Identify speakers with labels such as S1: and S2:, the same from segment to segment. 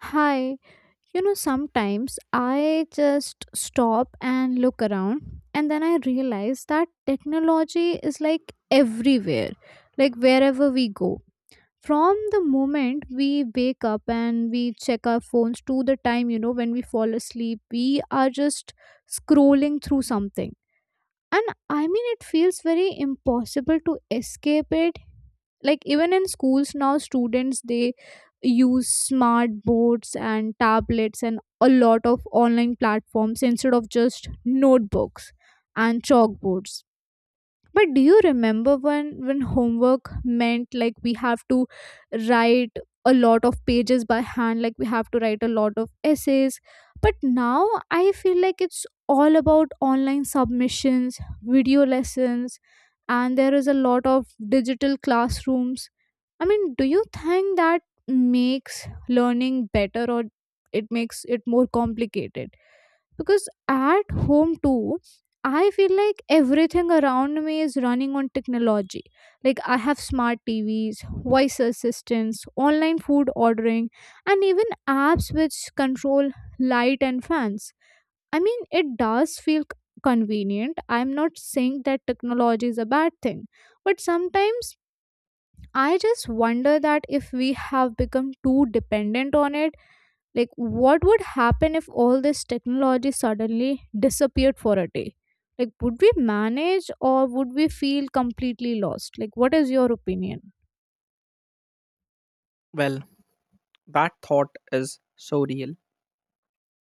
S1: Hi, sometimes I just stop and look around, and then I realize that technology is like everywhere, like wherever we go. From the moment we wake up and we check our phones to the time, when we fall asleep, we are just scrolling through something and I mean it feels very impossible to escape it, like even in schools now students they use smart boards and tablets and a lot of online platforms instead of just notebooks and chalkboards. But do you remember when homework meant like we have to write a lot of pages by hand, like we have to write a lot of essays. But now I feel like it's all about online submissions, video lessons, and there is a lot of digital classrooms. I mean, do you think that makes learning better or it makes it more complicated? Because at home too, I feel like everything around me is running on technology. Like I have smart TVs, voice assistants, online food ordering, and even apps which control light and fans. I mean, it does feel convenient. I'm not saying that technology is a bad thing, but sometimes I just wonder that if we have become too dependent on it, like what would happen if all this technology suddenly disappeared for a day? Like, would we manage or would we feel completely lost? Like, what is your opinion?
S2: Well, that thought is so real.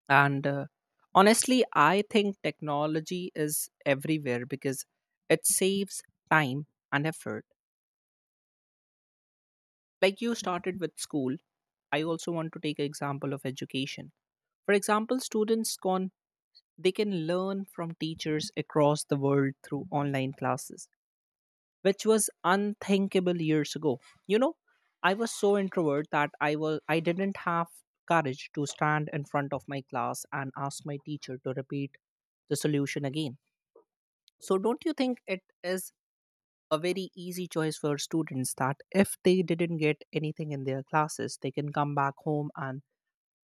S2: And honestly, I think technology is everywhere because it saves time and effort. Like you started with school, I also want to take an example of education. For example, students can they can learn from teachers across the world through online classes, which was unthinkable years ago. You know, I was so introvert that I didn't have courage to stand in front of my class and ask my teacher to repeat the solution again. So don't you think it is a very easy choice for students that if they didn't get anything in their classes, they can come back home and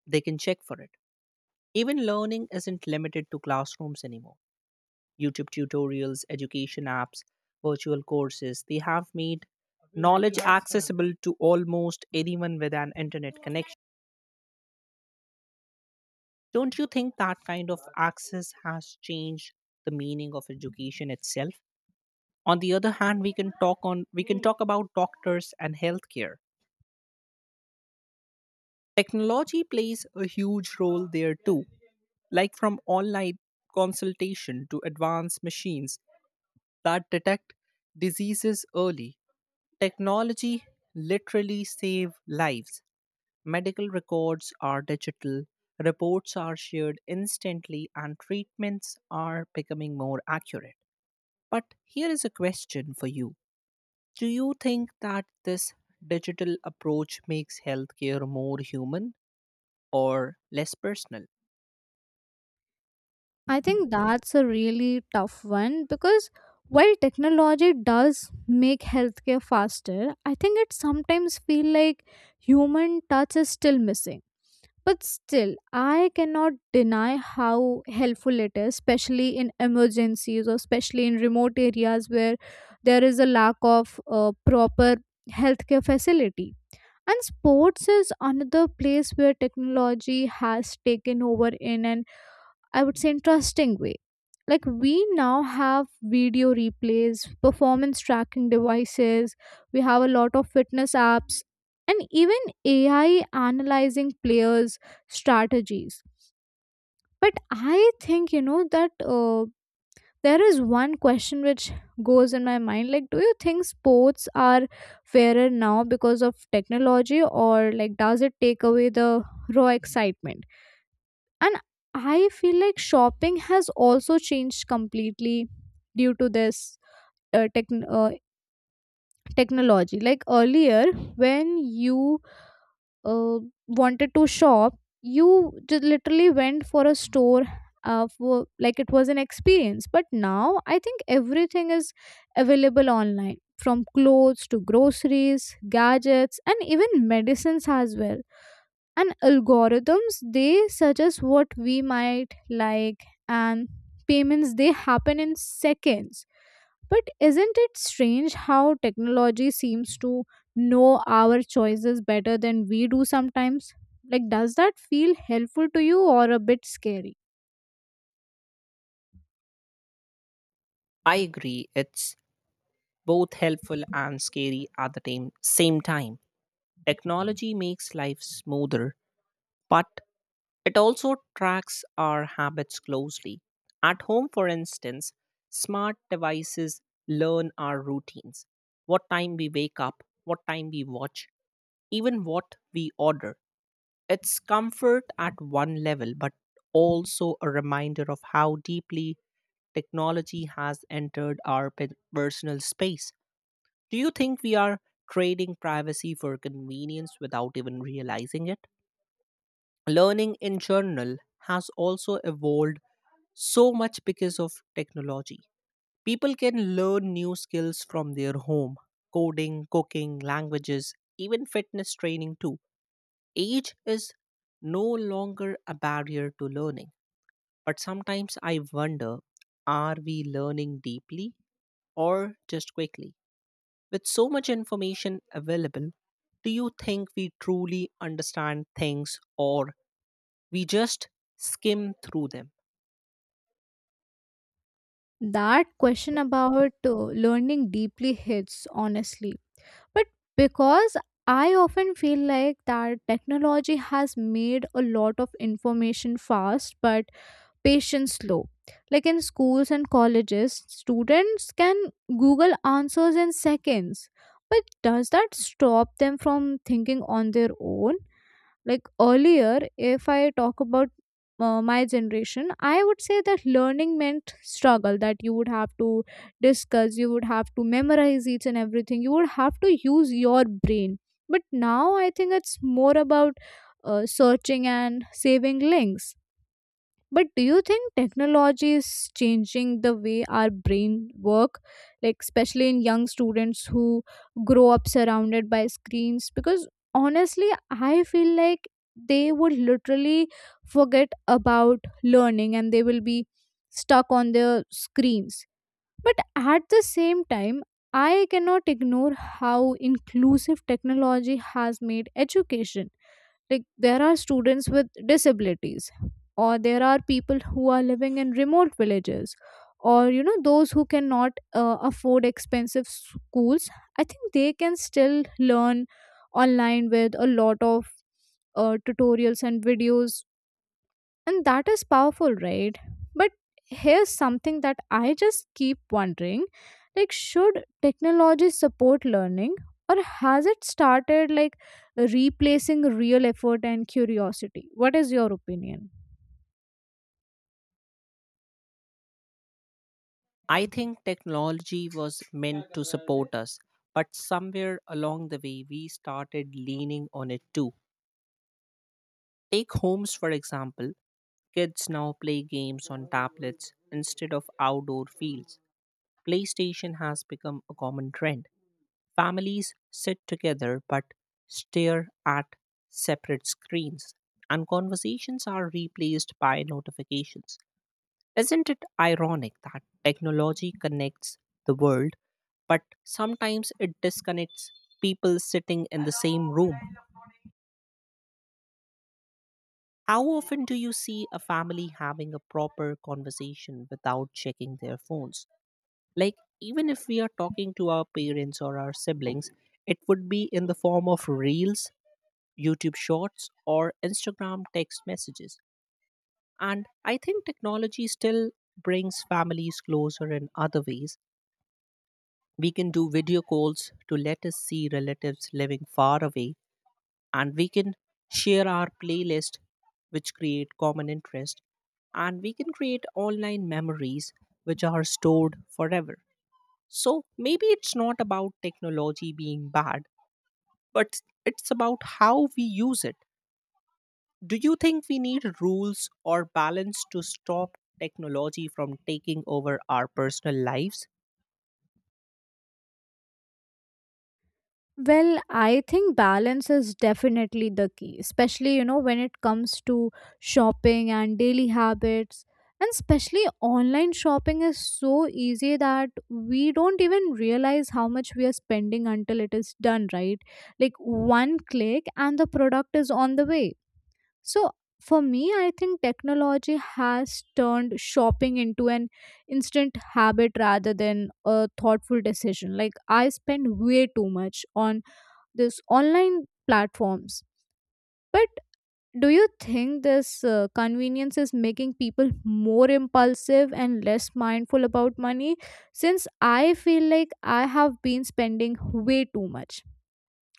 S2: they can check for it? Even learning isn't limited to classrooms anymore. YouTube tutorials, education apps, virtual courses. They have made knowledge accessible to almost anyone with an internet connection. Don't you think that kind of access has changed the meaning of education itself? On the other hand, we can talk about doctors and healthcare. Technology plays a huge role there too, like from online consultation to advanced machines that detect diseases early. Technology literally save lives. Medical records are digital, reports are shared instantly, and treatments are becoming more accurate. But here is a question for you. Do you think that this digital approach makes healthcare more human or less personal?
S1: I think that's a really tough one, because while technology does make healthcare faster, I think it sometimes feel like human touch is still missing. But still, I cannot deny how helpful it is, especially in emergencies or especially in remote areas where there is a lack of proper healthcare facility. And sports is another place where technology has taken over in an, I would say, interesting way. Like, we now have video replays, performance tracking devices, we have a lot of fitness apps, and even AI analyzing players' strategies. But I think, you know, that there is one question which goes in my mind like, do you think sports are fairer now because of technology, or like, does it take away the raw excitement? And I feel like shopping has also changed completely due to this uh, techn uh, technology. Like earlier, when you uh, wanted to shop, you just literally went for a store. Like it was an experience, but now I think everything is available online, from clothes to groceries, gadgets, and even medicines as well. And algorithms, they suggest what we might like, and payments, they happen in seconds. But isn't it strange how technology seems to know our choices better than we do sometimes? Like, does that feel helpful to you or a bit scary?
S2: I agree it's both helpful and scary at the same time. Technology makes life smoother, but it also tracks our habits closely. At home, for instance, smart devices learn our routines, what time we wake up, what time we watch, even what we order. It's comfort at one level, but also a reminder of how deeply technology has entered our personal space. Do you think we are trading privacy for convenience without even realizing it? Learning in general has also evolved so much because of technology. People can learn new skills from their home, coding, cooking, languages, even fitness training too. Age is no longer a barrier to learning. But sometimes I wonder, are we learning deeply or just quickly? With so much information available, do you think we truly understand things or we just skim through them?
S1: That question about learning deeply hits honestly, but because I often feel like that technology has made a lot of information fast but patience low. Like in schools and colleges, students can Google answers in seconds. But does that stop them from thinking on their own? Like earlier, if I talk about my generation, I would say that learning meant struggle, that you would have to discuss, you would have to memorize each and everything, you would have to use your brain. But now I think it's more about searching and saving links. But do you think technology is changing the way our brain work, like especially in young students who grow up surrounded by screens? Because honestly, I feel like they would literally forget about learning and they will be stuck on their screens. But at the same time, I cannot ignore how inclusive technology has made education. Like, there are students with disabilities, or there are people who are living in remote villages, or you know, those who cannot afford expensive schools. I think they can still learn online with a lot of tutorials and videos, and that is powerful, right? But here's something that I just keep wondering, like, should technology support learning, or has it started like replacing real effort and curiosity? What is your opinion?
S2: I think technology was meant to support us, but somewhere along the way we started leaning on it too. Take homes, for example. Kids now play games on tablets instead of outdoor fields. PlayStation has become a common trend. Families sit together but stare at separate screens, and conversations are replaced by notifications. Isn't it ironic that technology connects the world, but sometimes it disconnects people sitting in the same room? How often do you see a family having a proper conversation without checking their phones? Like, even if we are talking to our parents or our siblings, it would be in the form of reels, YouTube shorts, or Instagram text messages. And I think technology still brings families closer in other ways. We can do video calls to let us see relatives living far away, and we can share our playlist, which create common interest, and we can create online memories which are stored forever. So maybe it's not about technology being bad, but it's about how we use it. Do you think we need rules or balance to stop technology from taking over our personal lives?
S1: Well, I think balance is definitely the key, especially, you know, when it comes to shopping and daily habits. And especially online shopping is so easy that we don't even realize how much we are spending until it is done, right? Like one click and the product is on the way. So for me, I think technology has turned shopping into an instant habit rather than a thoughtful decision. Like I spend way too much on these online platforms. But do you think this convenience is making people more impulsive and less mindful about money, since I feel like I have been spending way too much?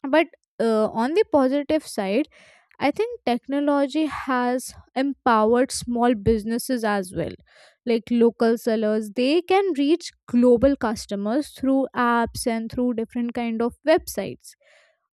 S1: But on the positive side, I think technology has empowered small businesses as well. Like local sellers, they can reach global customers through apps and through different kind of websites.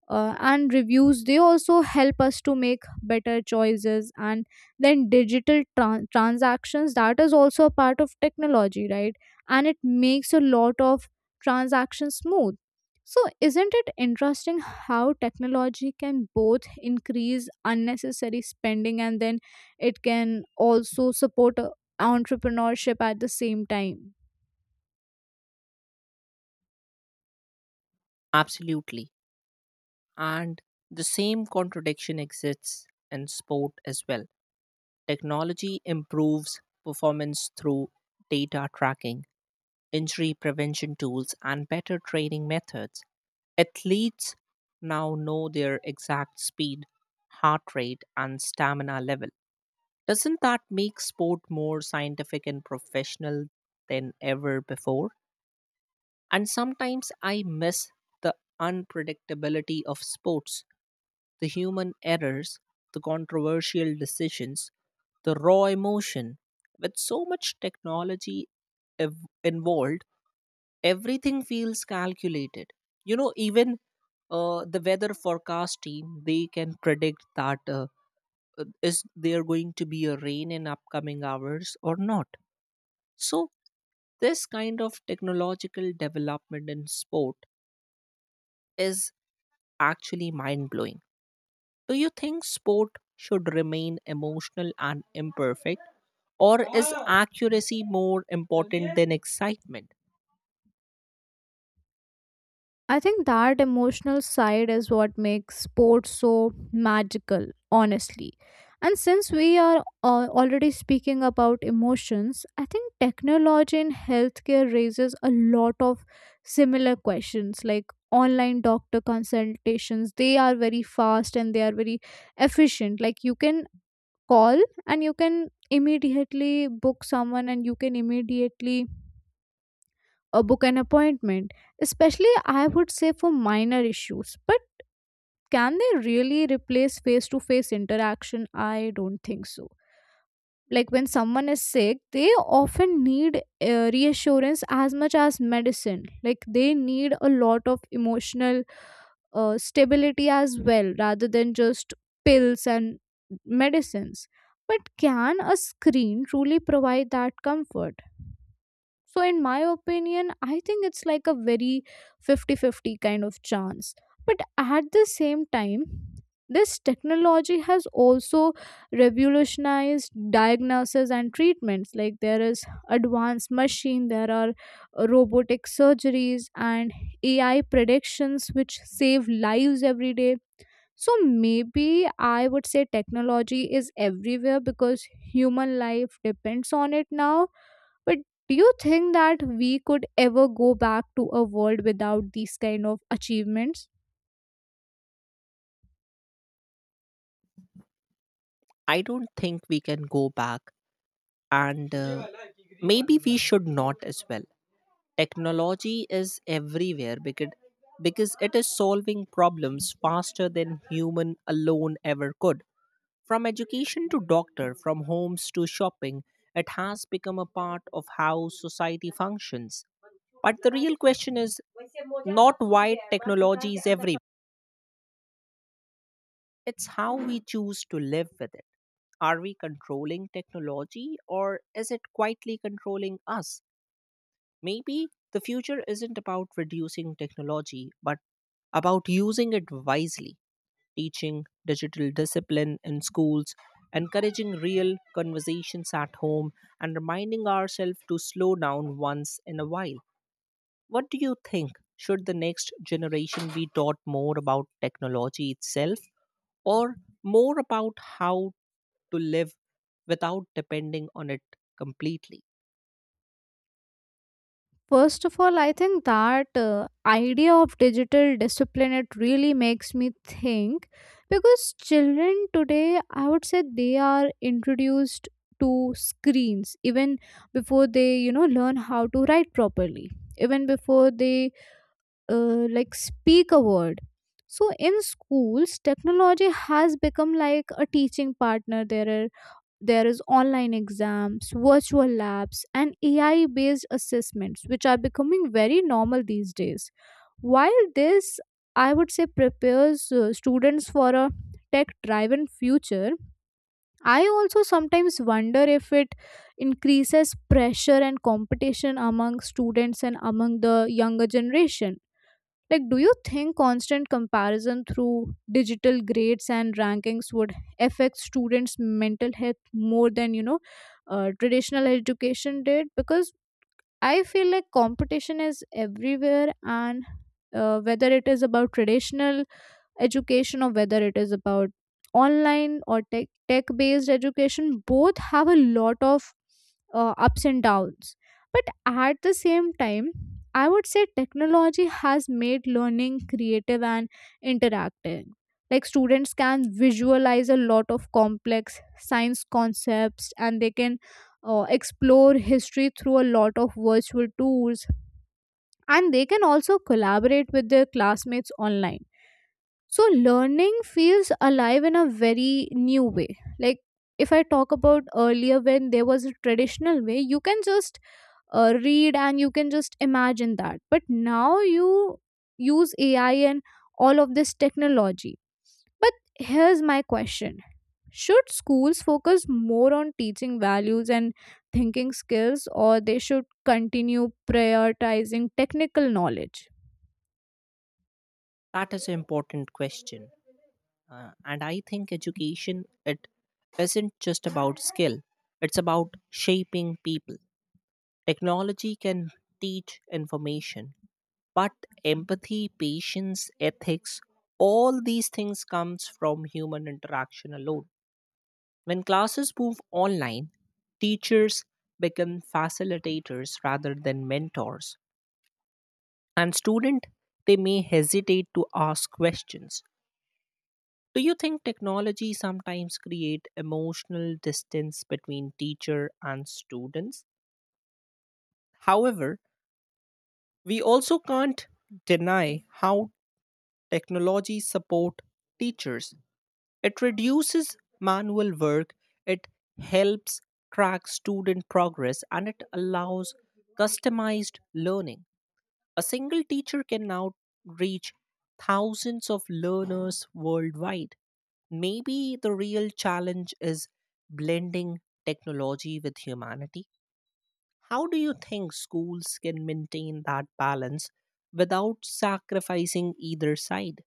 S1: And reviews, they also help us to make better choices. And then digital transactions, that is also a part of technology, right? And it makes a lot of transactions smooth. So, isn't it interesting how technology can both increase unnecessary spending and then it can also support entrepreneurship at the same time?
S2: Absolutely. And the same contradiction exists in sport as well. Technology improves performance through data tracking, injury prevention tools, and better training methods. Athletes now know their exact speed, heart rate, and stamina level. Doesn't that make sport more scientific and professional than ever before? And sometimes I miss the unpredictability of sports, the human errors, the controversial decisions, the raw emotion. With so much technology involved, everything feels calculated. Even the weather forecast team, they can predict that is there going to be a rain in upcoming hours or not. So this kind of technological development in sport is actually mind blowing. Do you think sport should remain emotional and imperfect? Or is accuracy more important than excitement?
S1: I think that emotional side is what makes sports so magical, honestly. And since we are already speaking about emotions, I think technology in healthcare raises a lot of similar questions, like online doctor consultations. They are very fast and they are very efficient. Like you can call and you can immediately book someone and you can immediately or book an appointment, especially I would say for minor issues. But can they really replace face to face interaction? I don't think so. Like when someone is sick, they often need reassurance as much as medicine. Like they need a lot of emotional stability as well, rather than just pills and medicines. But can a screen truly provide that comfort? So, in my opinion, I think it's like a very 50-50 kind of chance. But at the same time, this technology has also revolutionized diagnosis and treatments. Like there is advanced machine, there are robotic surgeries and AI predictions which save lives every day. So maybe I would say technology is everywhere because human life depends on it now. But do you think that we could ever go back to a world without these kind of achievements?
S2: I don't think we can go back and maybe we should not as well. Technology is everywhere because it is solving problems faster than human alone ever could. From education to doctor, from homes to shopping, it has become a part of how society functions. But the real question is not why technology is everywhere, it's how we choose to live with it. Are we controlling technology or is it quietly controlling us? Maybe the future isn't about reducing technology, but about using it wisely, teaching digital discipline in schools, encouraging real conversations at home, and reminding ourselves to slow down once in a while. What do you think? Should the next generation be taught more about technology itself, or more about how to live without depending on it completely?
S1: First of all, I think that idea of digital discipline, it really makes me think, because children today, I would say, they are introduced to screens even before they, you know, learn how to write properly, even before they like speak a word. So in schools technology has become like a teaching partner. There is online exams, virtual labs, and AI based assessments which are becoming very normal these days. While this, I would say, prepares students for a tech driven future, I also sometimes wonder if it increases pressure and competition among students and among the younger generation. Like, do you think constant comparison through digital grades and rankings would affect students' mental health more than, you know, traditional education did? Because I feel like competition is everywhere, and whether it is about traditional education or whether it is about online or tech based education, both have a lot of ups and downs. But at the same time, I would say technology has made learning creative and interactive. Like students can visualize a lot of complex science concepts and they can explore history through a lot of virtual tours, and they can also collaborate with their classmates online. So learning feels alive in a very new way. Like, if I talk about earlier when there was a traditional way, you can just read and you can just imagine that. But now you use AI and all of this technology. But here's my question. Should schools focus more on teaching values and thinking skills, or they should continue prioritizing technical knowledge?
S2: That is an important question. And I think education, it isn't just about skill. It's about shaping people. Technology can teach information, but empathy, patience, ethics, all these things comes from human interaction alone. When classes move online, teachers become facilitators rather than mentors, and student, they may hesitate to ask questions. Do you think technology sometimes create emotional distance between teacher and students? However, we also can't deny how technology support teachers. It reduces manual work, it helps track student progress, and it allows customized learning. A single teacher can now reach thousands of learners worldwide. Maybe the real challenge is blending technology with humanity. How do you think schools can maintain that balance without sacrificing either side?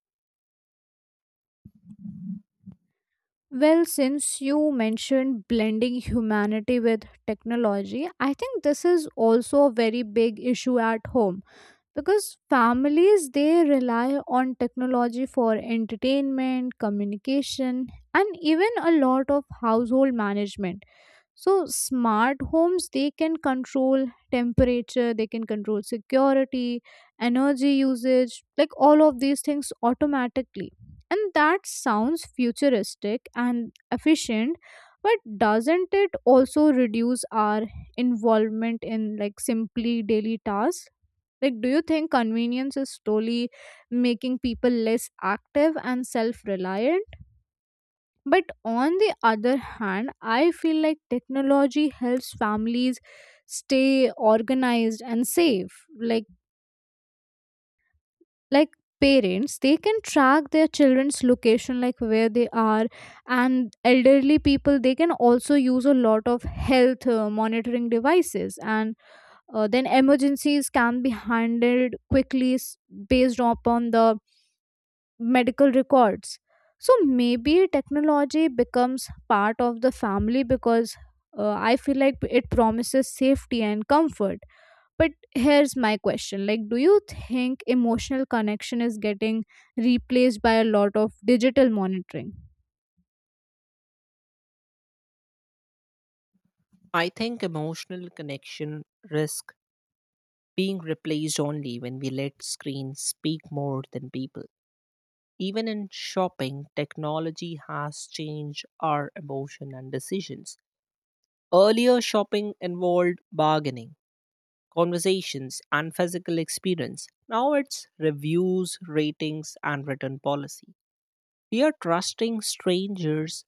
S1: Well, since you mentioned blending humanity with technology, I think this is also a very big issue at home, because families they rely on technology for entertainment, communication, and even a lot of household management. So smart homes, they can control temperature, they can control security, energy usage, like all of these things automatically. And that sounds futuristic and efficient, but doesn't it also reduce our involvement in like simply daily tasks? Like, do you think convenience is slowly making people less active and self reliant? But on the other hand, I feel like technology helps families stay organized and safe. Like parents, they can track their children's location, like where they are, and elderly people they can also use a lot of health monitoring devices, and then emergencies can be handled quickly, based upon the medical records. So maybe technology becomes part of the family because I feel like it promises safety and comfort. But here's my question, like, do you think emotional connection is getting replaced by a lot of digital monitoring?
S2: I think emotional connection risk being replaced only when we let screens speak more than people. Even in shopping, technology has changed our emotion and decisions. Earlier, shopping involved bargaining, conversations, and physical experience. Now it's reviews, ratings, and written policy. We are trusting strangers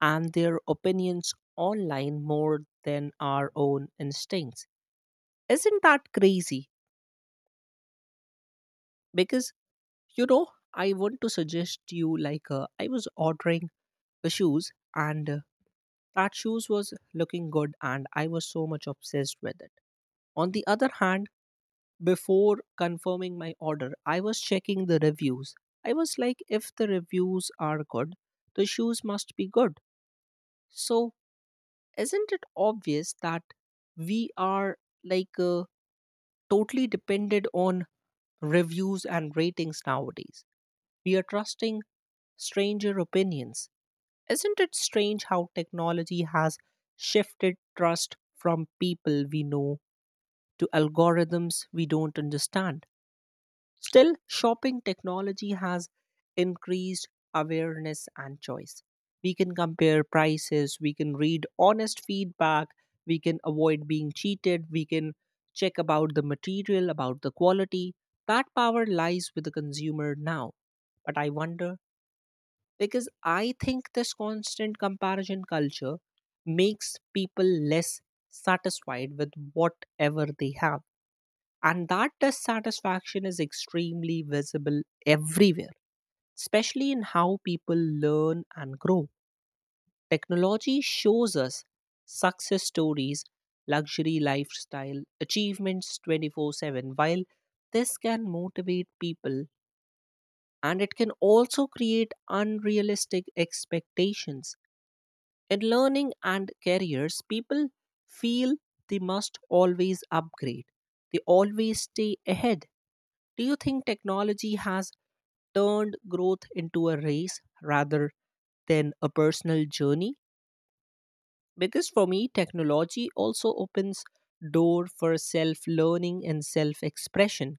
S2: and their opinions online more than our own instincts. Isn't that crazy? Because, you know, I want to suggest you, like I was ordering the shoes and that shoes was looking good and I was so much obsessed with it. On the other hand, before confirming my order, I was checking the reviews. I was like, if the reviews are good, the shoes must be good. So, isn't it obvious that we are like totally dependent on reviews and ratings nowadays? We are trusting stranger opinions. Isn't it strange how technology has shifted trust from people we know to algorithms we don't understand? Still, shopping technology has increased awareness and choice. We can compare prices, we can read honest feedback, we can avoid being cheated, we can check about the material, about the quality. That power lies with the consumer now. But I wonder, because I think this constant comparison culture makes people less satisfied with whatever they have, and that dissatisfaction is extremely visible everywhere, especially in how people learn and grow. Technology shows us success stories, luxury lifestyle, achievements 24/7. While this can motivate people, and it can also create unrealistic expectations. In learning and careers, people feel they must always upgrade, they always stay ahead. Do you think technology has turned growth into a race rather than a personal journey? Because for me, technology also opens door for self-learning and self-expression.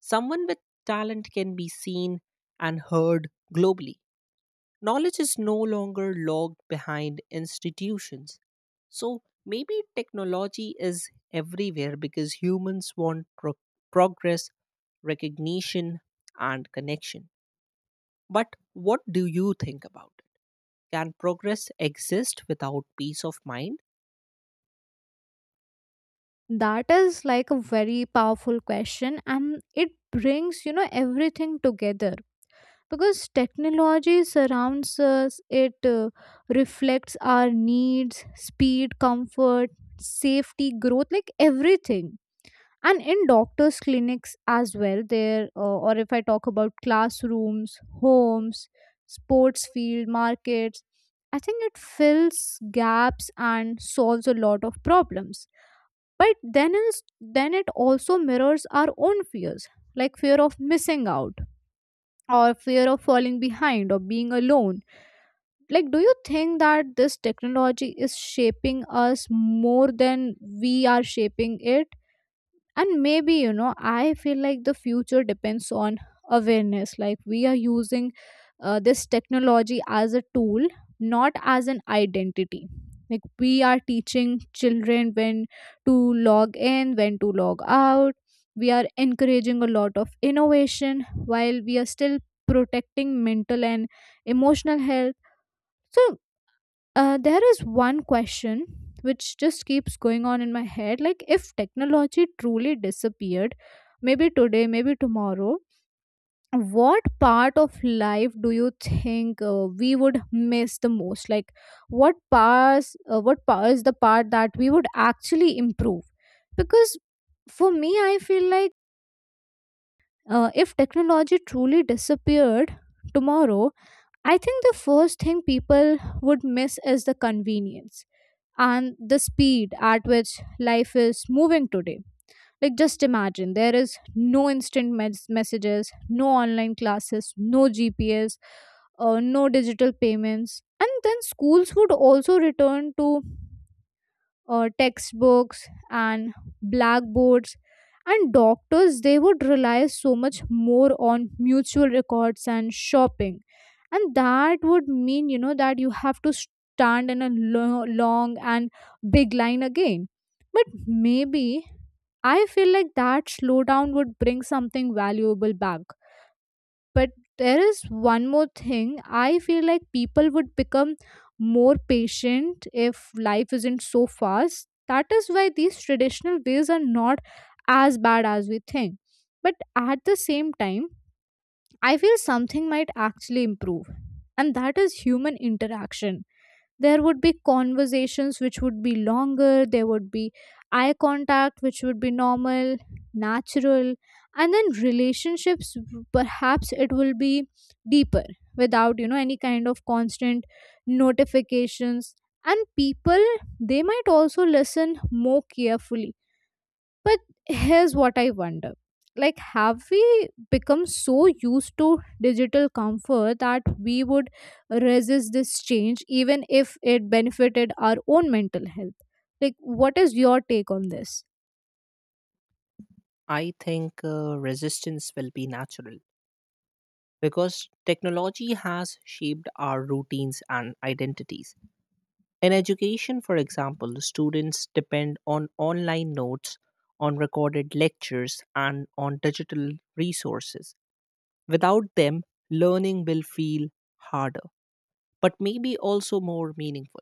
S2: Someone with talent can be seen and heard globally. Knowledge is no longer locked behind institutions. So maybe technology is everywhere because humans want progress, recognition, and connection. But what do you think about it? Can progress exist without peace of mind?
S1: That is like a very powerful question, and it brings, you know, everything together, because technology surrounds us. It reflects our needs, speed, comfort, safety, growth, like everything. And in doctors clinics as well, there or if I talk about classrooms, homes, sports field, markets, I think it fills gaps and solves a lot of problems. But then it also mirrors our own fears, like fear of missing out, or fear of falling behind, or being alone. Like, do you think that this technology is shaping us more than we are shaping it? And maybe, you know, I feel like the future depends on awareness, like we are using this technology as a tool, not as an identity. Like, we are teaching children when to log in, when to log out. We are encouraging a lot of innovation while we are still protecting mental and emotional health. So there is one question which just keeps going on in my head. Like, if technology truly disappeared, maybe today, maybe tomorrow, what part of life do you think we would miss the most? Like, what parts, what part is the part that we would actually improve? Because for me, I feel like if technology truly disappeared tomorrow, I think the first thing people would miss is the convenience and the speed at which life is moving today. Like, just imagine there is no instant messages, no online classes, no GPS, no digital payments. And then schools would also return to textbooks and blackboards, and doctors they would rely so much more on mutual records. And shopping, and that would mean, you know, that you have to stand in a long and big line again. But maybe I feel like that slowdown would bring something valuable back. But there is one more thing. I feel like people would become more patient if life isn't so fast. That is why these traditional ways are not as bad as we think. But at the same time, I feel something might actually improve, and that is human interaction. There would be conversations which would be longer, there would be eye contact which would be normal, natural. And then relationships, perhaps it will be deeper, without, you know, any kind of constant notifications. And people, they might also listen more carefully. But here's what I wonder, like, have we become so used to digital comfort that we would resist this change even if it benefited our own mental health? Like, what is your take on this?
S2: I think resistance will be natural because technology has shaped our routines and identities. In education, for example, students depend on online notes, on recorded lectures, and on digital resources. Without them, learning will feel harder, but maybe also more meaningful.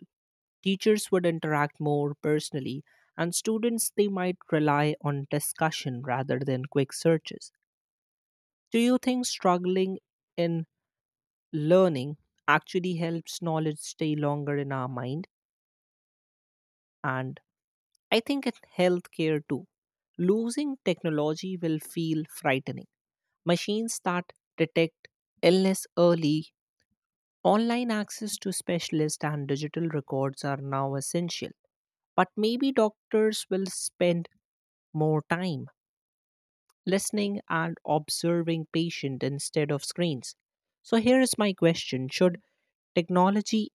S2: Teachers would interact more personally, and students, they might rely on discussion rather than quick searches. Do you think struggling in learning actually helps knowledge stay longer in our mind? And I think in healthcare too, losing technology will feel frightening. Machines that detect illness early, online access to specialists, and digital records are now essential. But maybe doctors will spend more time listening and observing patients instead of screens. So here is my question, should technology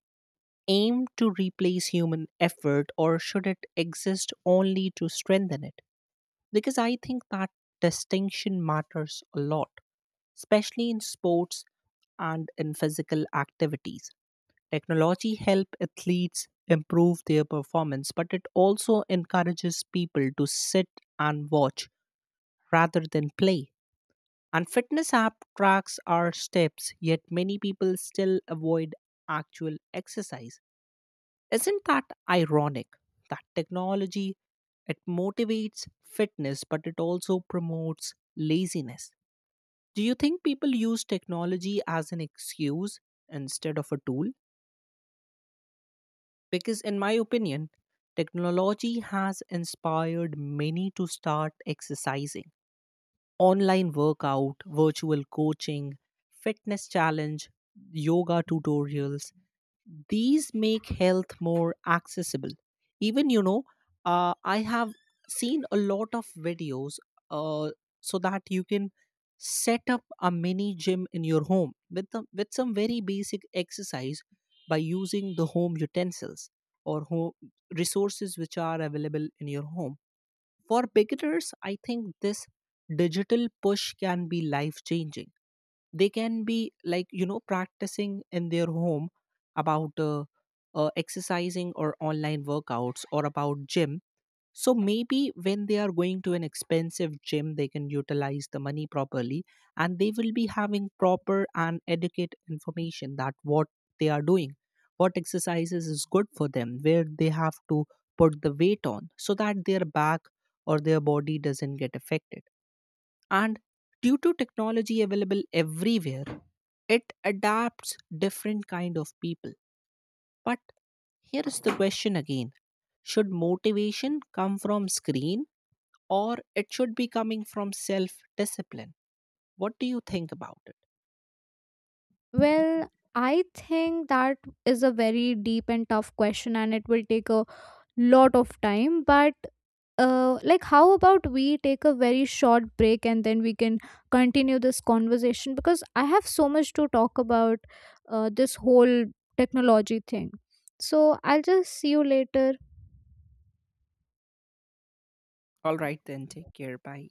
S2: aim to replace human effort or should it exist only to strengthen it? Because I think that distinction matters a lot, especially in sports and in physical activities. Technology help athletes improve their performance, but it also encourages people to sit and watch rather than play. And fitness app tracks our steps, yet many people still avoid actual exercise. Isn't that ironic that technology it motivates fitness but it also promotes laziness? Do you think people use technology as an excuse instead of a tool? Because in my opinion, technology has inspired many to start exercising. Online workout, virtual coaching, fitness challenge, yoga tutorials, these make health more accessible. Even, I have seen a lot of videos uh, so that you can set up a mini gym in your home with some very basic exercise by using the home utensils or home resources which are available in your home. For beginners, I think this digital push can be life changing. They can be like, you know, practicing in their home about exercising or online workouts or about gym. So maybe when they are going to an expensive gym, they can utilize the money properly, and they will be having proper and adequate information that what they are doing, what exercises is good for them, where they have to put the weight on so that their back or their body doesn't get affected. And due to technology available everywhere, it adapts different kind of people. But here is the question again. Should motivation come from screen or it should be coming from self discipline? What do you think about it?
S1: Well, I think that is a very deep and tough question, and it will take a lot of time. But like, how about we take a very short break and then we can continue this conversation, because I have so much to talk about, this whole technology thing. So I'll just see you later.
S2: All right then, take care. Bye.